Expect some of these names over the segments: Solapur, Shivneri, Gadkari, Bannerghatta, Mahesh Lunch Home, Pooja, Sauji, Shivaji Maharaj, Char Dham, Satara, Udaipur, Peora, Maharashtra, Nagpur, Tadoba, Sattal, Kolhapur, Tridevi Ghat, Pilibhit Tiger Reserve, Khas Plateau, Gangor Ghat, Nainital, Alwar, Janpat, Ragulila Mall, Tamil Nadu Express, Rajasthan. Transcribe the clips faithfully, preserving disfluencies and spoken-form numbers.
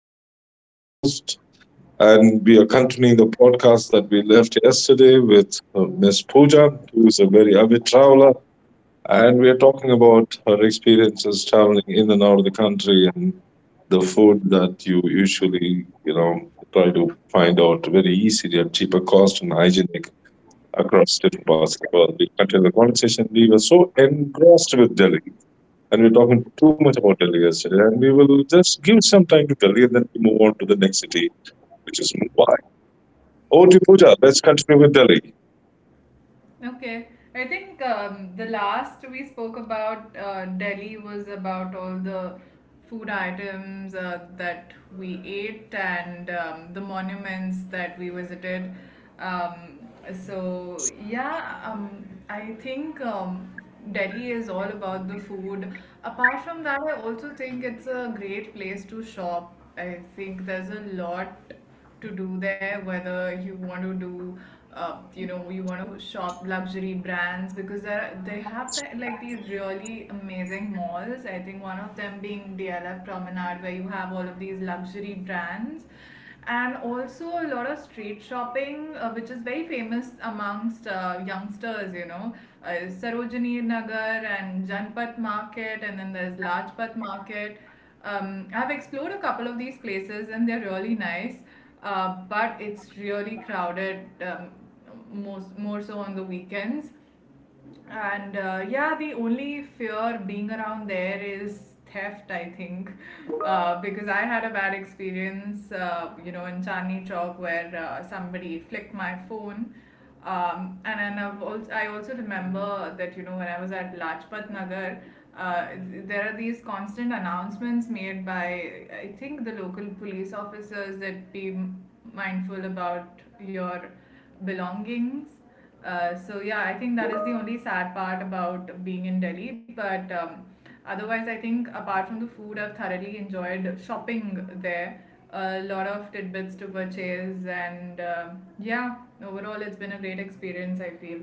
I'm your host, and we are continuing the podcast that we left yesterday with uh, Miss Pooja, who is a very avid traveler. And we are talking about her experiences traveling in and out of the country and the food that you usually, you know, try to find out very easily at cheaper cost and hygienic across different parts of the world. We continue the conversation. We were so engrossed with Delhi and we're talking too much about Delhi yesterday, and we will just give some time to Delhi and then we move on to the next city, which is Mumbai. Over to Pooja. Let's continue with Delhi. Okay. I think um, the last we spoke about uh, Delhi was about all the food items uh, that we ate and um, the monuments that we visited. Um, so, yeah, um, I think um, Delhi is all about the food. Apart from that, I also think it's a great place to shop. I think there's a lot to do there, whether you want to do uh, you know you want to shop luxury brands, because there they have the, like, these really amazing malls. I think one of them being DLF Promenade, where you have all of these luxury brands and also a lot of street shopping, uh, which is very famous amongst uh, youngsters, you know, uh, Sarojini Nagar and Janpat Market, and then there's Lajpat Market. um, I've explored a couple of these places and they're really nice, uh, but it's really crowded, um, most, more so on the weekends. And uh, yeah, the only fear being around there is theft, I think, uh, because I had a bad experience, uh, you know, in Chandni Chowk, where uh, somebody flicked my phone. Um, and then I've also, I also remember that, you know, when I was at Lajpat Nagar, uh, there are these constant announcements made by, I think, the local police officers that be mindful about your belongings. Uh, so yeah, I think that is the only sad part about being in Delhi. But um, otherwise, I think apart from the food, I've thoroughly enjoyed shopping there. A lot of tidbits to purchase, and uh, yeah, overall, it's been a great experience, I feel.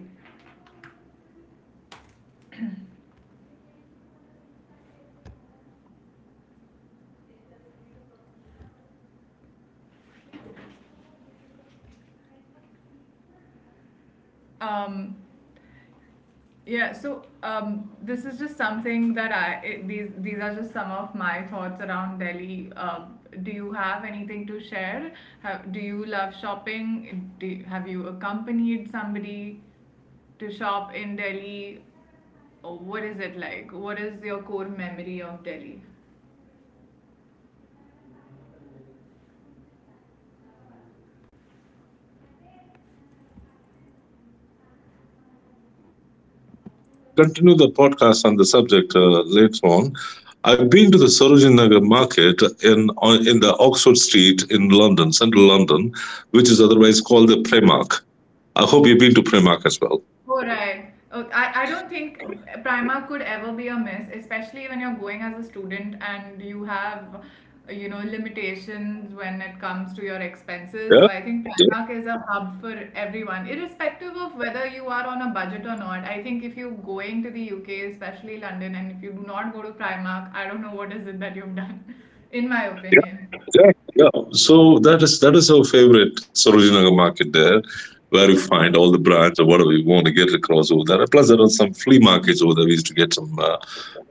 Um, Yeah, so um, this is just something that I it, these these are just some of my thoughts around Delhi. Uh, do you have anything to share? Have, do you love shopping? Do you- have you accompanied somebody to shop in Delhi? Or what is it like? What is your core memory of Delhi? We will continue the podcast on the subject uh, later on. I've been to the Sarojini Nagar market in uh, in the Oxford Street in London, central London, which is otherwise called the Primark. I hope you've been to Primark as well. Oh, right. Oh, I, I don't think Prima could ever be a miss, especially when you're going as a student and you have, you know, limitations when it comes to your expenses. So Yeah. I think Yeah, Primark is a hub for everyone, irrespective of whether you are on a budget or not. I think if you're going to the U K, especially London, and if you do not go to Primark, I don't know what is it that you've done, in my opinion. yeah, yeah. So that is that is our favorite Sarojinagar market there, where you find all the brands or whatever you want to get across over there. Plus, there are some flea markets over there. We used to get some uh,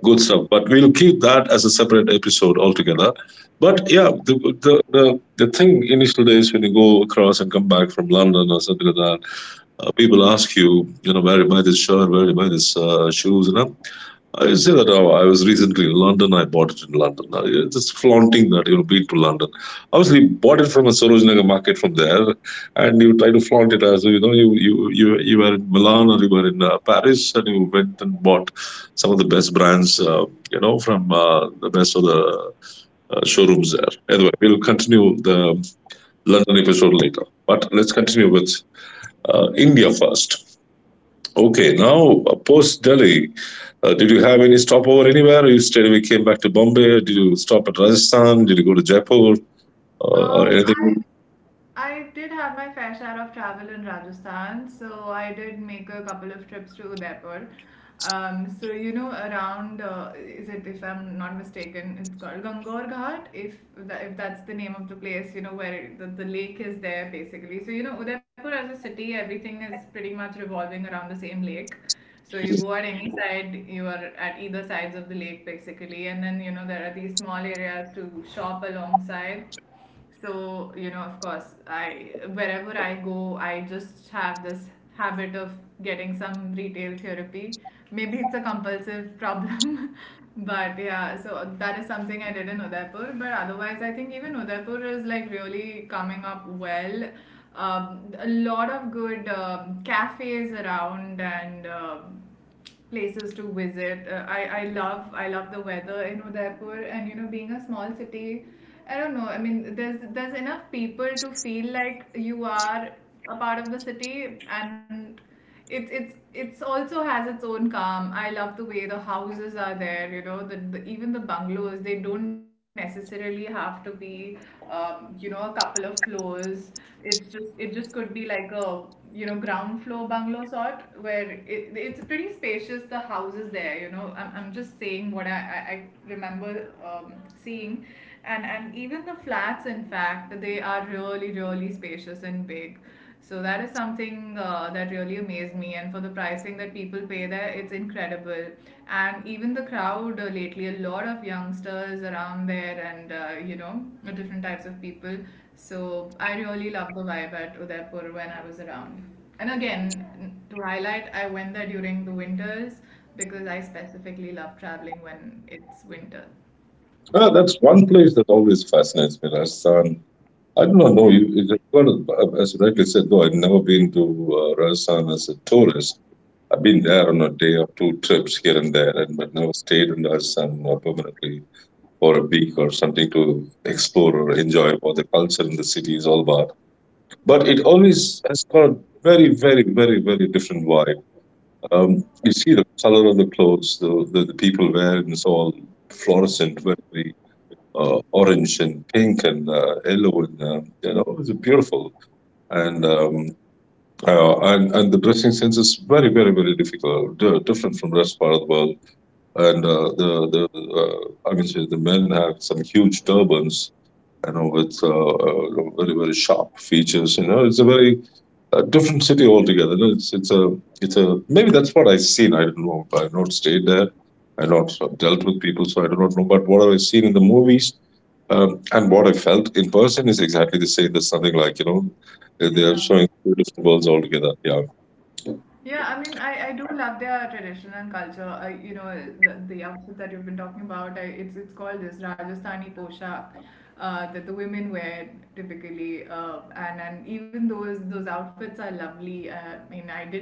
good stuff, but we'll keep that as a separate episode altogether. But yeah, the, the the the thing initial days when you go across and come back from London or something like that, uh, people ask you, you know, where you buy this shirt, where you buy this uh, shoes, you know. I would say that oh, I was recently in London. I bought it in London. Uh, yeah, just flaunting that you've been to London. Obviously, bought it from a Sarojinaga market from there, and you try to flaunt it as you know you you you, you were in Milan or you were in uh, Paris, and you went and bought some of the best brands, uh, you know, from uh, the best of the uh, showrooms there. Anyway, we'll continue the London episode later, but let's continue with uh, India first. Okay, now uh, post Delhi, uh, did you have any stopover anywhere? Or you straight away came back to Bombay? Did you stop at Rajasthan? Did you go to Jaipur or, or Um, I anything? I did have my fair share of travel in Rajasthan, so I did make a couple of trips to Udaipur. Um, so you know, around, uh, is it, if I'm not mistaken, it's called Gangor Ghat. If tha if that's the name of the place, you know, where the, the lake is there, basically. So you know, Udaipur as a city, everything is pretty much revolving around the same lake. So you go at any side, you are at either sides of the lake, basically, and then, you know, there are these small areas to shop alongside. So, you know, of course, I wherever I go, I just have this habit of getting some retail therapy. Maybe it's a compulsive problem, but yeah, so that is something I did in Udaipur. But otherwise, I think even Udaipur is like really coming up well. Um, a lot of good um cafes around and um places to visit. Uh, I I love I love the weather in Udaipur, and you know, being a small city, I don't know. I mean, there's there's enough people to feel like you are a part of the city, and it's it's it's also has its own calm. I love the way the houses are there. You know, the, the even the bungalows, they don't necessarily have to be, um, you know, a couple of floors. It's just, it just could be like a, you know, ground floor bungalow sort, where it, it's pretty spacious, the houses there, you know. i'm, I'm just saying what i, I, I remember, um, seeing, and and even the flats, in fact, they are really really spacious and big. So that is something uh, that really amazed me, and for the pricing that people pay there, it's incredible. And even the crowd, uh, lately a lot of youngsters around there, and uh, you know, different types of people. So I really love the vibe at Udaipur when I was around. And again, to highlight, I went there during the winters because I specifically love traveling when it's winter. Ah, that's one place that always fascinates me, Rajasthan. I do not know. Yeah, You, is it- well, As you rightly said, though, I've never been to uh, Rajasthan as a tourist. I've been there on a day or two trips here and there, and but never stayed in Rajasthan uh, permanently for a week or something to explore or enjoy what the culture in the city is all about. But it always has got a very, very, very, very different vibe. Um, you see the color of the clothes, the the, the people wear, and it's all fluorescent, very, very uh, orange and pink and uh, yellow, and um, you know it's beautiful. And um, uh, and and the dressing sense is very, very, very difficult, di- different from the rest part of the world. And uh, the the uh, I can say the men have some huge turbans. You know, with uh, uh, very very sharp features. You know, it's a very a different city altogether. No, It's it's a it's a maybe that's what I've seen. I don't know. I've not stayed there. I've not dealt with people, so I do not know. But what I've seen in the movies um, and what I felt in person is exactly the same. There's something like you know they they are yeah, showing two different worlds altogether. Yeah, yeah. I mean, I, I do love their tradition and culture. I, you know, the, the outfit that you've been talking about. I, it's it's called this Rajasthani poshak uh, that the women wear typically. Uh, and and even those those outfits are lovely. Uh, I mean, I did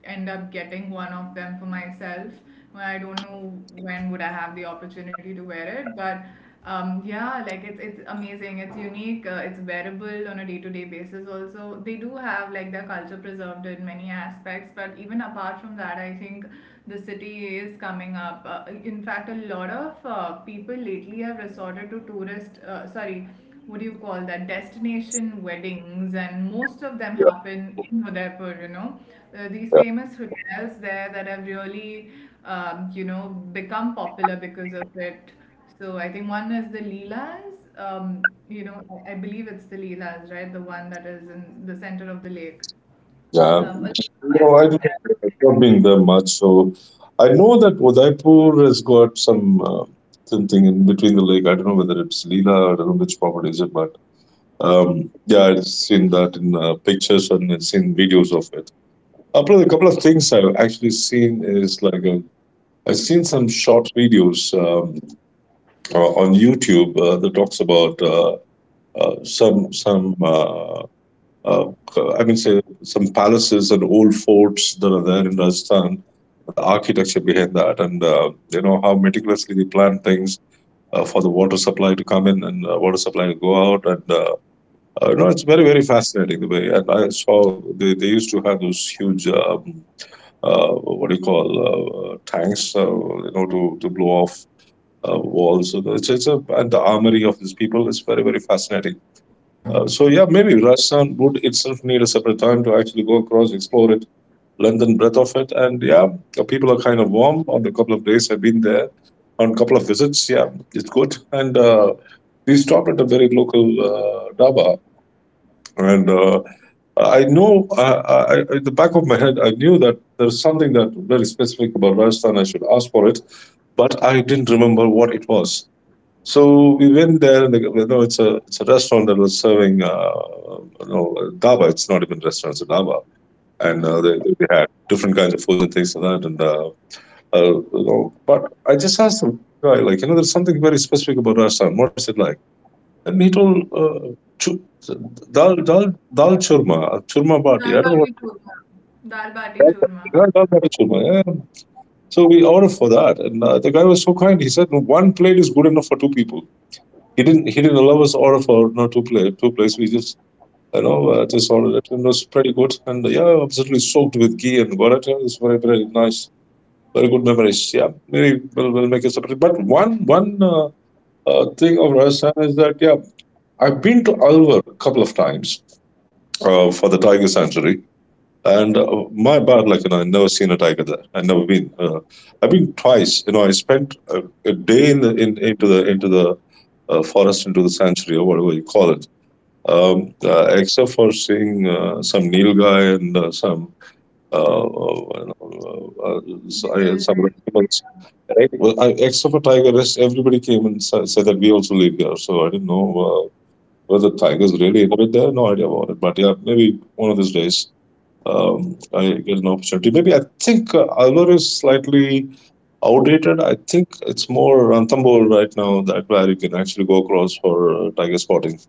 end up getting one of them for myself. Well, I don't know when would I have the opportunity to wear it, but um, yeah, like it's it's amazing. It's unique. Uh, it's wearable on a day to day basis. Also, they do have like their culture preserved in many aspects. But even apart from that, I think the city is coming up. Uh, in fact, a lot of uh, people lately have resorted to tourist. Uh, sorry, what do you call that, destination weddings, and most of them yeah, happen in Udaipur, you know. Uh, these famous hotels there that have really um, you know become popular because of it. So I think one is the Leelas, um, you know, I, I believe it's the Leelas, right, the one that is in the center of the lake, yeah, um, a no, I five-star have hotel. not been there much, so I know that Udaipur has got some uh, something in between the lake. I don't know whether it's Leela, I don't know which property is it, but um, yeah, I've seen that in uh, pictures and I've seen videos of it. Apart a couple of things I've actually seen is like I have seen some short videos um, uh, on YouTube uh, that talks about uh, uh, some some. Uh, uh, I mean, say some palaces and old forts that are there in Rajasthan, the architecture behind that, and uh, you know how meticulously they plan things uh, for the water supply to come in and uh, water supply to go out, and uh, uh, you know it's very very fascinating the way. And I saw they, they used to have those huge um, uh, what do you call uh, uh, tanks, uh, you know, to to blow off. Uh, walls, so it's, it's a and the armory of these people is very very fascinating uh, so yeah, maybe Rajasthan would itself need a separate time to actually go across, explore it, length and breadth of it. And yeah, the people are kind of warm. On a couple of days, I've been there. On a couple of visits, yeah, it's good. And uh, we stopped at a very local uh, daba, and uh, I know I, I, I- in the back of my head, I knew that there's something that very specific about Rajasthan. I should ask for it, but I didn't remember what it was. So we went there, and you know, it's a it's a restaurant that was serving, uh, you know, dhaba. It's not even restaurant, it's a dhaba, and uh, they, Mm. they had different kinds of foods and things like that. And uh, uh, You know, but I just asked the guy, like, you know, there's something very specific about Rajasthan. What's it like? And he told uh, chu- dal dal dal churma, churma bati. Dal I don't know what. bati churma. Dal bati churma. Yeah, dal bati churma. Yeah. So we ordered for that, and uh, the guy was so kind. He said, "No, one plate is good enough for two people." He didn't he didn't allow us order for no two play two plates. We just you know uh, just ordered it and it was pretty good. And uh, yeah, absolutely soaked with ghee and paratha. It's very very nice. Very good memories. Yeah, maybe we'll, we'll make it separate. But one one uh, uh, thing of Rajasthan is that yeah, I've been to Alwar a couple of times uh, for the tiger sanctuary. And uh, my bad luck, you know, I never seen a tiger there. I never been. Uh, I've been twice. You know, I spent a, a day in the in, into the into the uh, forest, into the sanctuary, or whatever you call it um, uh, except for seeing uh, some Neil guy and uh, some uh, uh, you know, uh, uh, Because some rectangles. Well, I, except for Tiger, rest everybody came and sa- said that we also live here. So I didn't know uh, whether Tigers really inhabit there. No idea about it. But yeah, maybe one of these days um, I get an opportunity. Maybe I think uh, Alvar is slightly outdated. I think it's more Ranthambore right now that where you can actually go across for uh, tiger spotting.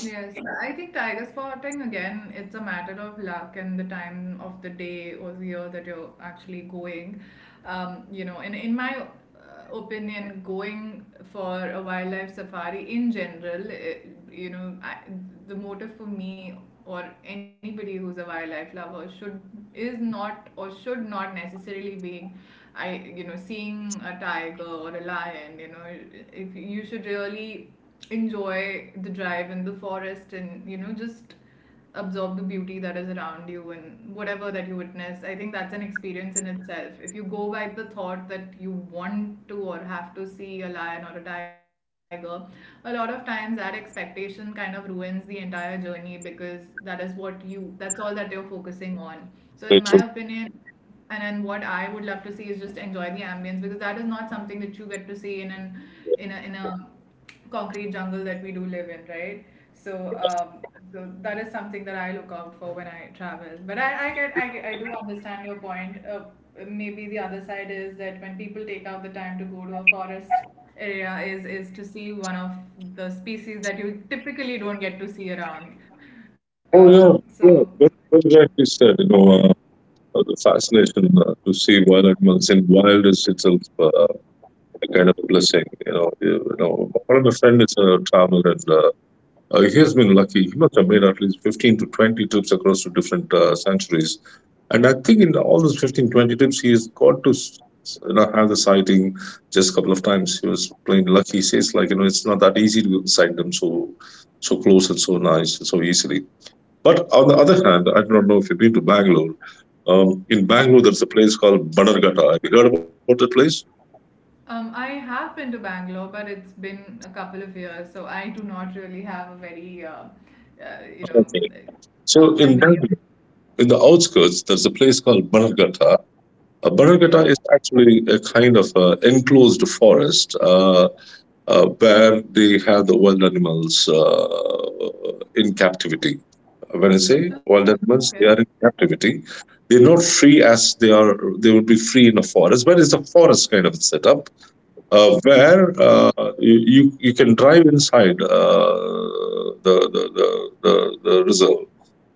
Yes, I think tiger spotting, again, it's a matter of luck and the time of the day or the year that you're actually going. Um, you know, and in my uh, opinion, going for a wildlife safari in general, it, you know, I, the motive for me or anybody who's a wildlife lover should, is not, or should not necessarily be I you know, seeing a tiger or a lion. You know, if you should really enjoy the drive in the forest, and you know, just absorb the beauty that is around you and whatever that you witness. I think that's an experience in itself. If you go by the thought that you want to or have to see a lion or a tiger, a lot of times that expectation kind of ruins the entire journey, because that is what you, that's all that you're focusing on. So, in my opinion, and then what I would love to see is just enjoy the ambience, because that is not something that you get to see in an, in a in a concrete jungle that we do live in, right? So, um, so that is something that I look out for when I travel. But I, I get, I, get- I do understand your point. Uh, maybe the other side is that when people take out the time to go to a forest area, is is to see one of the species that you typically don't get to see around. Um, Oh yeah, so, yeah. Very, very rightly said. You know, uh, uh, the fascination uh, to see wild animals in wild is itself uh, a kind of blessing. You know, you, you know. One of my friends is a traveler, and uh, uh, he has been lucky. He must have made at least fifteen to twenty trips across to different uh, sanctuaries, and I think in all those fifteen twenty trips, he has got to. S- s- you know, have the sighting just a couple of times. He was plain lucky. He says, like, you know, it's not that easy to sight them so, so close and so nice, so easily. But on the other hand, I do not know if you've been to Bangalore. Um, in Bangalore, there's a place called Bannerghatta. Have you heard about that place? um, I have been to Bangalore, but it's been a couple of years, so I do not really have a very, uh, uh, you know, So dark in memory. Bangalore, in the outskirts, there's a place called Bannerghatta. Uh, Okay. Bannerghatta is actually a kind of uh enclosed forest uh, uh, where they have the wild animals uh, in captivity. When I say Oh, wild okay. animals, they are in captivity. They're not free as they are. They would be free in a forest, but it's a forest kind of setup uh, where uh, you, you you can drive inside uh, the, the, the, the, the reserve.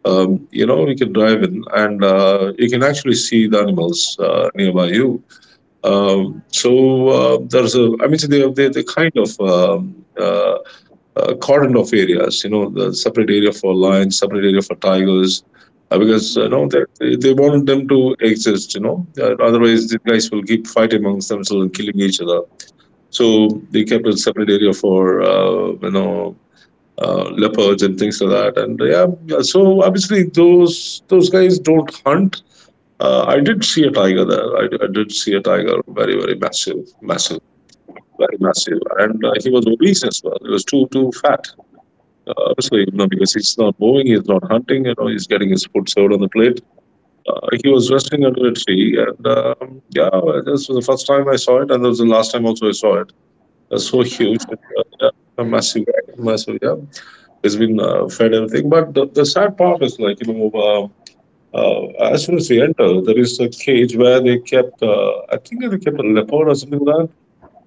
Um, you know, you can drive in and uh, you can actually see the animals uh, nearby you. Um, so uh, there's a, I mean, so they, they, they kind of um, uh, uh, cordon off areas, you know, the separate area for lions, separate area for tigers, uh, because, you Hmm. know, they, they they wanted them to exist, you know, uh, otherwise the guys will keep fighting amongst themselves and killing each other so they kept a separate area for uh, you know uh, leopards and things like that. And yeah, yeah, so obviously those those guys don't hunt. Uh, I did see a tiger there. I, I did see a tiger, very very massive, massive, very massive, and uh, he was obese as well. He was too too fat. Uh, obviously, you know, because he's not moving, he's not hunting. You know, he's getting his food served on the plate. Uh, he was resting under a tree, and um, yeah, this was the first time I saw it, and that was the last time also I saw it uh, so huge, uh, uh, massive, massive. Yeah, it's been uh, fed everything. But the, the sad part is like you know, uh, uh, as soon as we enter, there is a cage where they kept. Uh, I think they kept a leopard or something like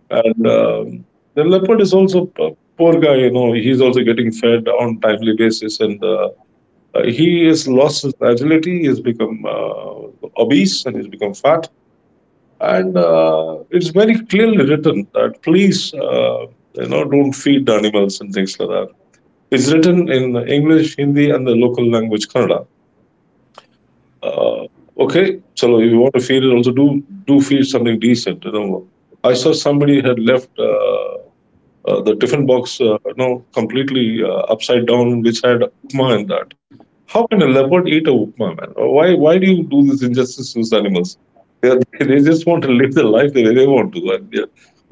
that, and um, the leopard is also a poor guy, you know, he's also getting fed on timely basis, and uh, uh, he has lost his agility. He's become uh, obese and he's become fat and uh, it's very clearly written that please uh, you know don't feed animals and things like that. It's written in English, Hindi and the local language Kannada. uh, okay, so if you want to feed it also, do do feed something decent, you know. I saw somebody had left uh, uh, the tiffin box uh, you know completely uh, upside down which had upma in that. How can a leopard eat a upma, man? Why why do you do this injustice to these animals? They, they just want to live their life the way they want to. And yeah,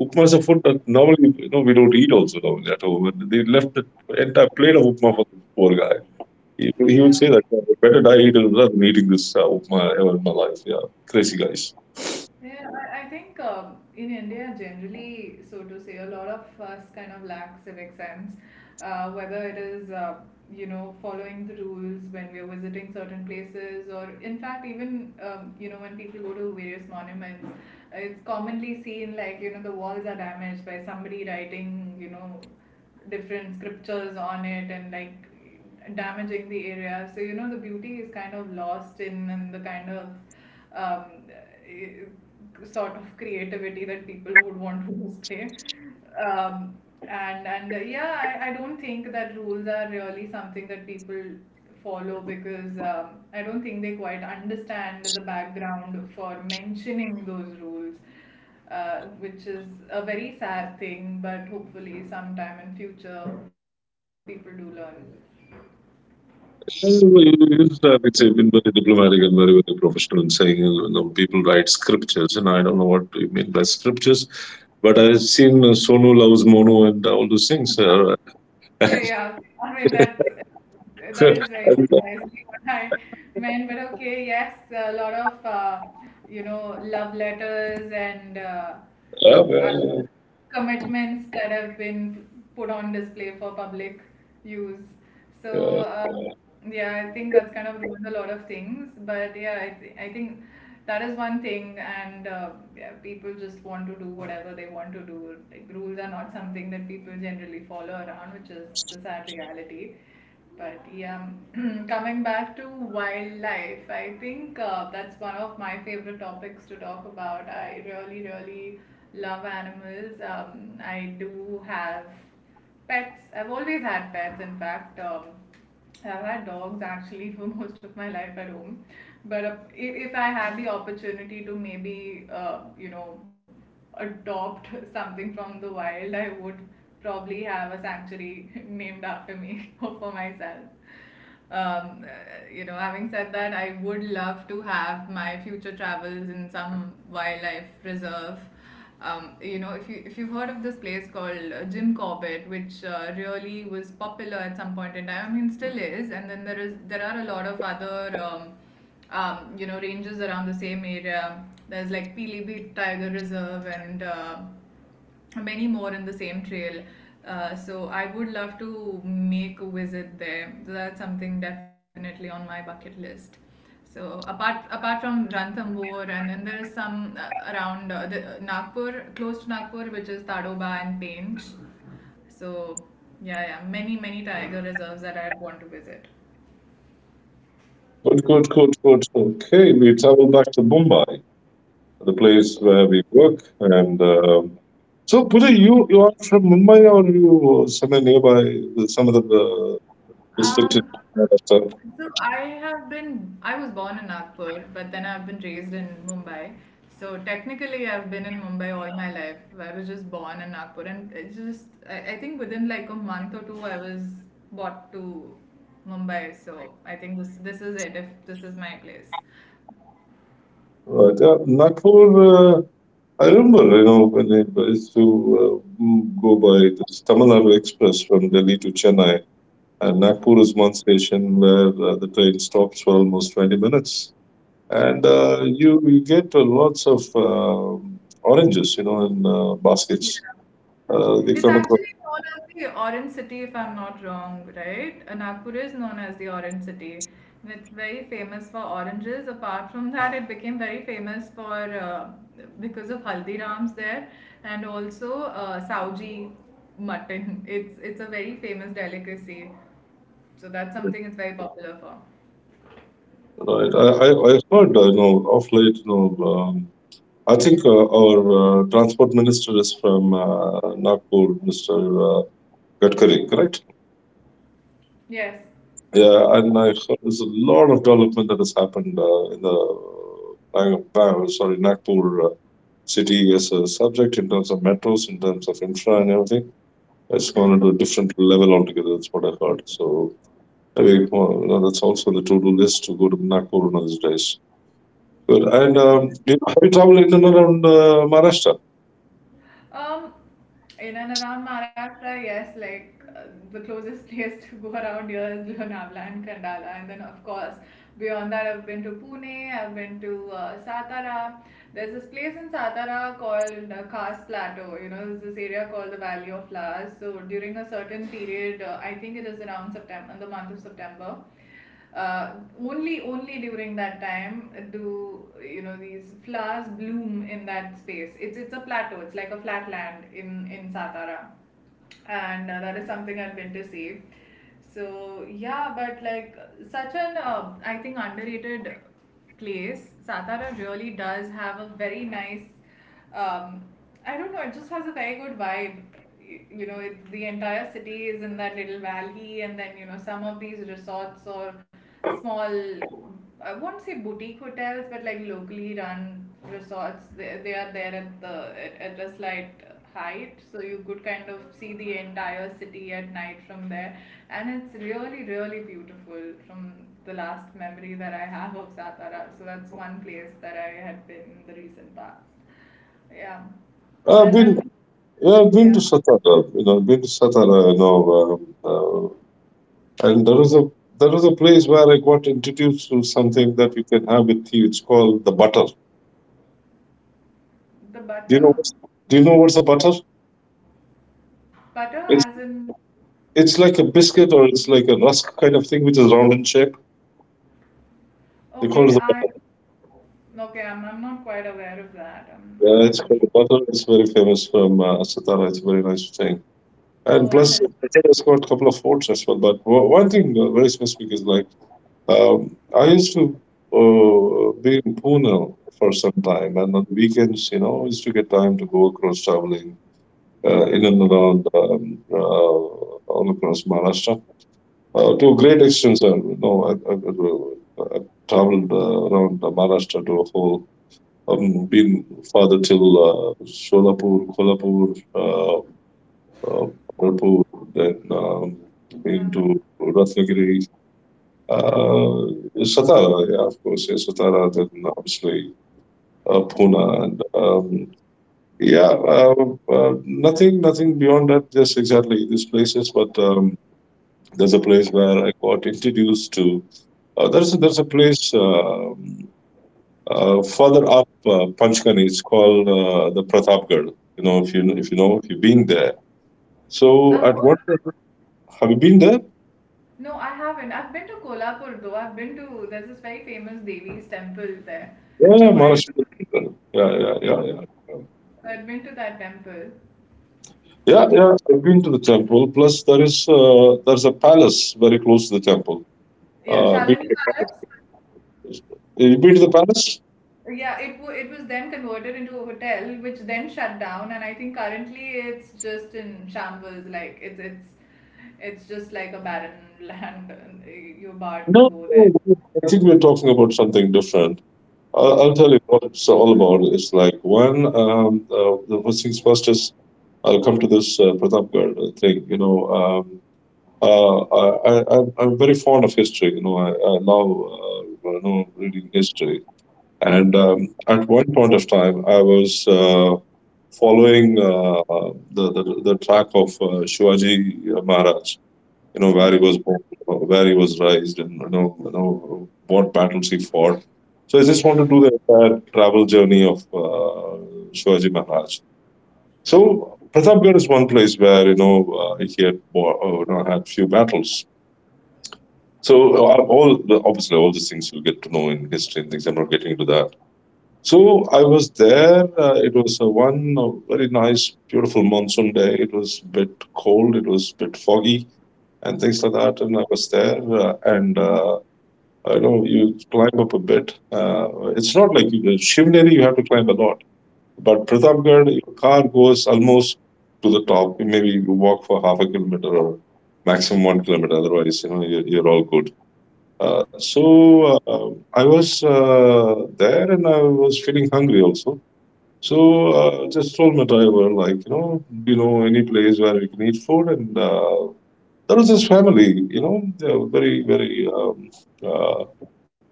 upma is a food that normally you know we don't eat also normally at home. And they left the entire plate of upma for the poor guy. He, he would Yeah. say that, "Yeah, better die eating rather than eating this uh, upma ever in my life." Yeah, crazy guys. Yeah, I, I think um, in India, generally, so to say, a lot of us kind of lack civic sense, uh, whether it is, uh, you know, following the rules when we are visiting certain places, or in fact, even, um, you know, when people go to various monuments, it's commonly seen like, you know, the walls are damaged by somebody writing, you know, different scriptures on it, and like damaging the area. So you know, the beauty is kind of lost in, in the kind of um, eh, sort of creativity that people would want to display. Um, and and uh, yeah, I, I don't think that rules are really something that people follow, because um, I don't think they quite understand the background for mentioning those rules, uh, which is a very sad thing. But hopefully, sometime in future, people do learn. Always, uh, it's been very diplomatic and very, very professional in saying uh, you know, people write scriptures, and I don't know what you mean by scriptures, but I've seen uh, Sonu loves Mono and all those things. Uh, Hey, yeah, I mean that's, that and, is very uh, precisely what I meant. But okay, yes, a lot of uh, you know, love letters and uh, yeah, yeah, other commitments that have been put on display for public use. So yeah. um, yeah, I think that's kind of ruined a lot of things. But yeah, I, th- I think that is one thing, and uh, yeah, people just want to do whatever they want to do. Like rules are not something that people generally follow around, which is the sad reality. But yeah, coming back to wildlife, I think uh, that's one of my favorite topics to talk about. I really, really love animals. Um, I do have pets. I've always had pets. In fact, um, I've had dogs actually for most of my life at home. But uh, if, if I had the opportunity to maybe, uh, you know, adopt something from the wild, I would probably have a sanctuary named after me, or for myself. Um, uh, you know, having said that, I would love to have my future travels in some wildlife reserve. Um, you know, if you if you've heard of this place called uh, Jim Corbett, which uh, really was popular at some point in time, I mean, still is. And then there is there are a lot of other um, um, you know ranges around the same area. There's like Pilibhit Tiger Reserve and uh, many more in the same trail. Uh, so I would love to make a visit there. That's something definitely on my bucket list. So apart apart from Ranthambore, and then there is some uh, around uh, the, uh, Nagpur, close to Nagpur, which is Tadoba and Pench. So yeah, yeah, many many tiger reserves that I'd want to visit. Good, good, good, good. Okay, we travel back to Mumbai, the place where we work, and um, so, Pooja, you, you are from Mumbai or you uh, somewhere nearby, some other uh, district in Um, Maharashtra? So I have been, I was born in Nagpur, but then I've been raised in Mumbai. So technically, I've been in Mumbai all my life. I was just born in Nagpur, and it's just, I, I think within like a month or two, I was brought to Mumbai. So I think this this is it. If this is my place. Right. Yeah. Nagpur. Uh, I remember, you know, when I used to uh, mm, go by this Tamil Nadu Express from Delhi to Chennai, and Nagpur is one station where uh, the train stops for almost twenty minutes. And uh, you, you get uh, lots of uh, oranges, you know, in uh, baskets. Uh, they It's come across. actually known as the Orange City, if I'm not wrong, right? Uh, Nagpur is known as the Orange City. And it's very famous for oranges. Apart from that, it became very famous for uh, because of Haldirams there, and also uh, Sauji mutton. It's it's a very famous delicacy. So that's something it's very popular for. Right. I, I, I heard, uh, you know, of late, you know, um, I think uh, our uh, transport minister is from uh, Nagpur, mister Uh, Gadkari, correct? Yes. Yeah, and I heard there's a lot of development that has happened uh, in the Bang- Bang- sorry Nagpur uh, city as a subject in terms of metros, in terms of infra and everything. It's gone to a different level altogether. That's what I heard. So anyway, well, you know, that's also on the to-do list to go to Nagpur one of these days. Good. And um, you know, have you traveled in and around uh, Maharashtra? Um, in and around Maharashtra, yes, like uh, the closest place to go around here is Lonavala and Kandala, and then of course beyond that, I've been to Pune, I've been to uh, Satara. There's this place in Satara called uh, Khas Plateau. You know, there's this area called the Valley of Flowers. So during a certain period, uh, I think it is around September, the month of September. uh, only only during that time do you know these flowers bloom in that space. It's it's a plateau. It's like a flat land in in Satara, and uh, that is something I've been to see. So yeah, but like such an uh, I think underrated place, Satara really does have a very nice um, I don't know, it just has a very good vibe. You know, it, the entire city is in that little valley, and then, you know, some of these resorts or small, I won't say boutique hotels, but like locally run resorts, they, they are there at the at, at a slight height, so you could kind of see the entire city at night from there. And it's really, really beautiful from the last memory that I have of Satara. So that's one place that I had been in the recent past. Yeah. I've And been, then, yeah, I've been to yeah, Satara. You know, I've been to Satara. You know, um, uh, and there was a there was a place where I got introduced to something that you can have with tea. It's called the butter. the Do you know butter. what's, do you know what's a butter? Butter It's as in, it's like a biscuit or it's like a rusk kind of thing, which is round in shape. They call okay, it the I, butter. okay, I'm, I'm not quite aware of that. I'm, I'm Yeah, not it's too called sure. the butter. It's very famous from uh, Satara. It's a very nice thing. Oh, And I plus, missed. it's got a couple of forts as well. But o- one thing uh, very specific is like um, I used to uh, be in Pune for some time, and on weekends, you know, I used to get time to go across traveling uh, in and around um, uh, all across Maharashtra. Uh, to a great extent, sir. You know, I, I, I, I traveled uh, around uh, Maharashtra to a whole, um, been farther till uh, Solapur, Kolhapur, uh, uh, Pandarpur, then um, Yeah. been to Ratnagiri, uh, Satara, yeah, of course, yeah, Satara, then obviously uh, Pune and um, yeah, uh, uh, nothing, nothing beyond that. Just exactly these places, but um, there's a place where I got introduced to. Uh, there's a, there's a place um uh, further up uh, Panchkani. It's called uh, the Pratapgarh. You know, if you if you know if you've been there. So I've heard at what, of it. have you been there? No, I haven't. I've been to Kolhapur though. I've been to, there's this very famous Devi's temple there. Yeah, yeah, So I, Maharashtra. Yeah, yeah, it, yeah, yeah. I've been to that temple. Yeah, yeah, I've been to the temple. Plus, there is uh, there's a palace very close to the temple. Yeah, Uh, been, Shalini Palace. you been to the palace? Yeah, it w- it was then converted into a hotel, which then shut down, and I think currently it's just in shambles. Like it's it's it's just like a barren land. And you're barred to go there. I think we're talking about something different. I'll, Oh. I'll tell you what it's all about. It's like one, um, uh, the first things first is I'll come to this uh, Pratapgarh thing. You know, um, uh, I, I, I'm I'm very fond of history. You know, I, I love uh, you know reading history. And um, at one point of time, I was uh, following uh, the, the the track of uh, Shivaji Maharaj, you know where he Hmm. was born, where he was raised, and you know, you know what battles he fought. So I just want to do the entire travel journey of uh, Shivaji Maharaj. So Pratapgarh is one place where you know uh, he had bo- uh, you know, had few battles. So uh, all the, obviously all these things you get to know in history and things. I'm not getting into that. So I was there. Uh, it was uh, one uh, very nice, beautiful monsoon day. It was a bit cold. It was a bit foggy and things like that. And I was there, uh, and uh, I know you climb up a bit. Uh, it's not like you- Shivneri, you have to climb a lot, but Pratapgarh, your car goes almost to the top. Maybe you walk for half a kilometer or maximum one kilometer. Otherwise, you know, you're, you're all good. Uh, so uh, I was uh, there, and I was feeling hungry also. So uh, just told my driver, like, you know, do you know any place where we can eat food? And uh, there was this family, you know, they were very, very, um, uh,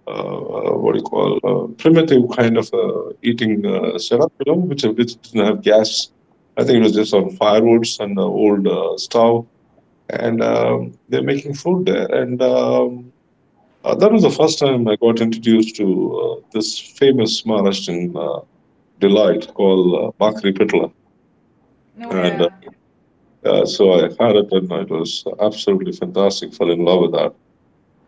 uh, what do you call, uh, primitive kind of uh, eating uh, setup, you know, which, which didn't have gas. I think it was just on firewoods and the old uh, stove. And um, they're making food there. And um, uh, that was the first time I got introduced to uh, this famous Maharashtrian uh, delight called uh, Bakri Pitla. No, And uh, yeah. uh, so I had it, and it was absolutely fantastic. Fell in love with that.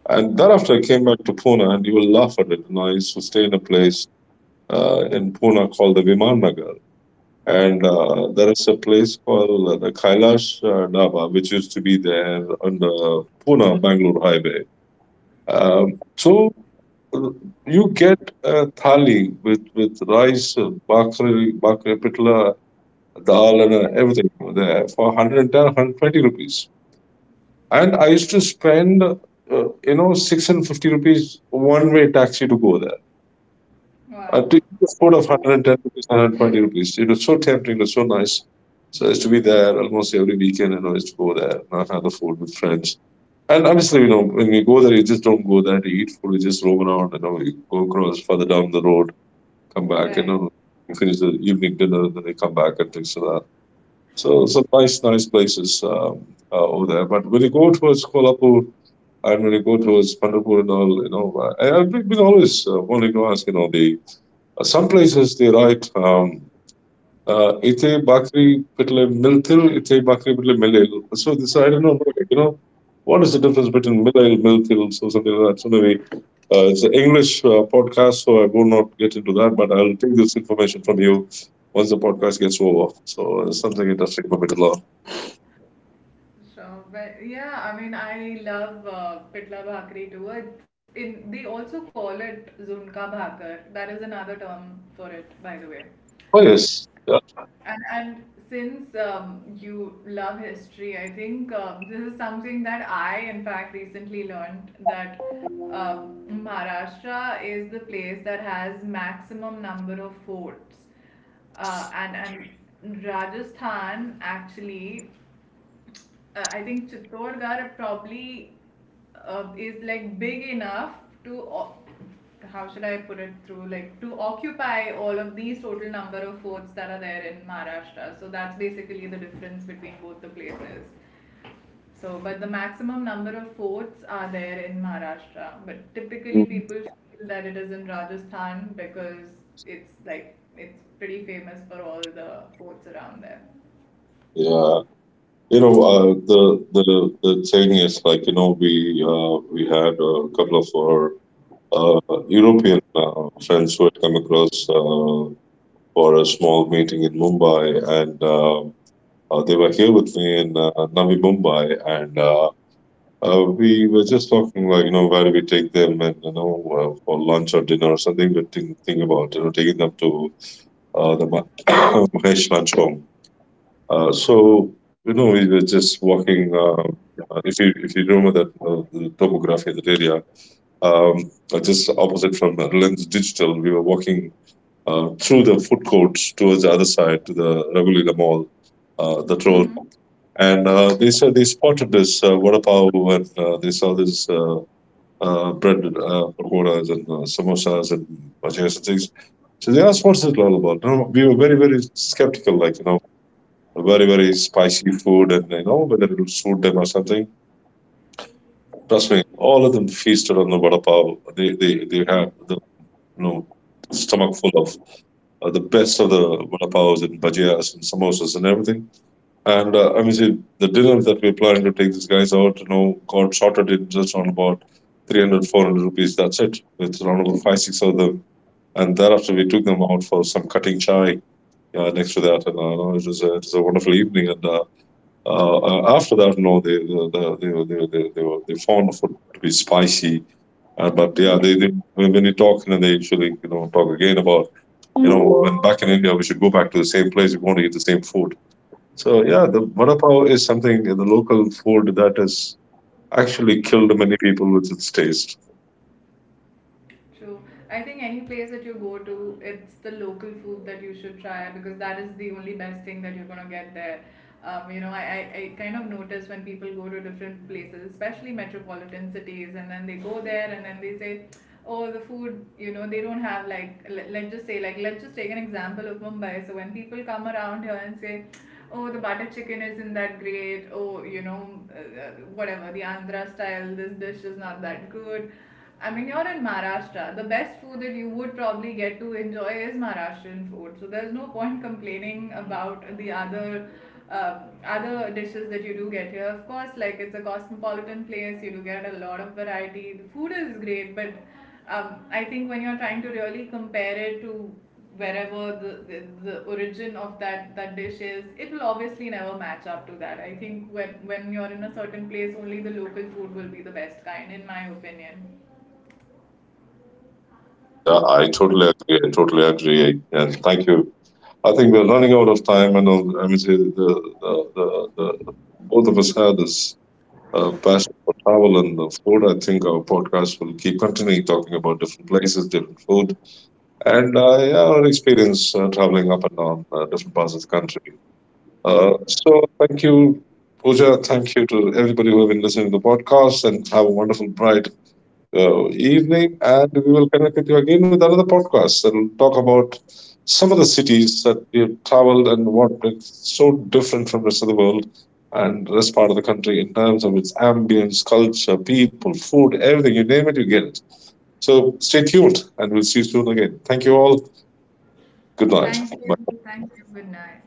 And thereafter, I came back to Pune, and you will laugh at it. You know, I used to stay in a place uh, in Pune called the Viman Nagar. And uh, there is a place called uh, the Kailash uh, Dhaba, which used to be there on the Pune Bangalore highway. Um, so uh, you get a thali with, with rice, uh, bakri, bakri pitla, dal, and uh, everything there for one hundred ten rupees, and I used to spend, uh, you know, six hundred fifty rupees one way taxi to go there. I Wow. took the food of one hundred ten rupees, one hundred twenty rupees. It was so tempting, it was so nice. So I used to be there almost every weekend, and I used to go there and have the food with friends. And obviously, you know, when you go there, you just don't go there to eat food. You just roam around, you know, you go across further down the road, come back, you Right. know, you finish the evening dinner, and then you come back and things like that. So some nice, nice places um, uh, over there. But when you go towards Kolhapur, and when you go towards Pandapur and all, you know, I, I've been always uh, wanting to ask, you know, the uh, some places they write um, uh, "ite bakri pitle miltil, ite bakri pitle milil." So this I don't know, you know, what is the difference between milil, miltil, so something like that. So maybe uh, it's an English uh, podcast, so I will not get into that, but I'll take this information from you once the podcast gets over. So it's something interesting for me to learn. So, but yeah, I mean, I love uh, pitla bhakri too. It, in they also call it zunka bhakar. That is another term for it, by the way. Oh yes, yeah, And and since um, you love history, I think um, this is something that I, in fact, recently learned that um, Maharashtra is the place that has maximum number of forts, uh, and and Rajasthan actually uh, I think Chittorgarh probably uh, is like big enough to o- how should I put it through, like, to occupy all of these total number of forts that are there in Maharashtra. So that's basically the difference between both the places. So, but the maximum number of forts are there in Maharashtra. But typically, mm, people feel that it is in Rajasthan because it's like it's pretty famous for all the forts around there. yeah. You know, uh, the the the thing is like you know we uh, we had a couple of our uh, European uh, friends who had come across uh, for a small meeting in Mumbai, and uh, uh, they were here with me in uh, Navi Mumbai, and uh, uh, we were just talking like you know where do we take them, and you know uh, for lunch or dinner or something. We're think, think about you know taking them to uh, the Ma- Mahesh Lunch Home. uh, so you know, we were just walking. Uh, uh, if you if you remember that uh, the topography of the area, um, uh, just opposite from Lens Digital, we were walking uh, through the food courts towards the other side to the Ragulila Mall, uh, that Hmm. road, and uh, they said they spotted this uh, vada pav and uh, they saw this uh, uh, bread uh, pakoras and uh, samosas and bhajias and things. So they asked, "What's it all about?" No, we were very very skeptical, like you know very very spicy food and you know whether it'll suit them or something. Trust me, all of them feasted on the vada pav. They they they had the you know stomach full of uh, the best of the vada pavs and bhajias and samosas and everything. And uh, I mean, see, the dinner that we're planning to take these guys out, you know, got sorted in just around about three hundred four hundred rupees. That's it. With around about five, six of them. And thereafter, we took them out for some cutting chai uh, next to that. And uh, you know, it was a, it was a wonderful evening. And. Uh, uh, uh, After that, no, they they they they they, they, were, they found food to be spicy. Uh, but yeah, Hmm. they, they when when you talk, and they usually you know talk again about you know when back in India we should go back to the same place. We want to eat the same food. So yeah, the vada pav is something the local food that has actually killed many people with its taste. True. I think any place that you go to, it's the local food that you should try, because that is the only best thing that you're gonna get there. Um, you know, I, I, I kind of notice when people go to different places, especially metropolitan cities, and then they go there and then they say, oh, the food, you know, they don't have like, let, let's just say, like, let's just take an example of Mumbai. So when people come around here and say, oh, the butter chicken isn't that great, oh, you know, uh, uh, whatever, the Andhra style, this dish is not that good. I mean, you're in Maharashtra. The best food that you would probably get to enjoy is Maharashtrian food. So there's no point complaining about the other uh, other dishes that you do get here. Of course, like it's a cosmopolitan place, you do get a lot of variety. The food is great, but um, I think when you're trying to really compare it to wherever the, the, the origin of that, that dish is, it will obviously never match up to that. I think when, when you're in a certain place, only the local food will be the best kind, in my opinion. Yeah, I totally agree. I totally agree. And thank you. I think we're running out of time, and uh, I mean, the, the, the, the, both of us had this uh, passion for travel and the food. I think our podcast will keep continuing talking about different places, different food, and uh, yeah, our experience uh, traveling up and down uh, different parts of the country. Uh, so thank you, Pooja. Thank you to everybody who have been listening to the podcast, and have a wonderful, bright, uh, evening, and we will connect with you again with another podcast and talk about some of the cities that we have traveled and what it's so different from the rest of the world and rest part of the country in terms of its ambience, culture, people, food, everything. You name it, you get it. So stay tuned, and we'll see you soon again. Thank you all. Good night. Thank you. Bye. Thank you. Good night.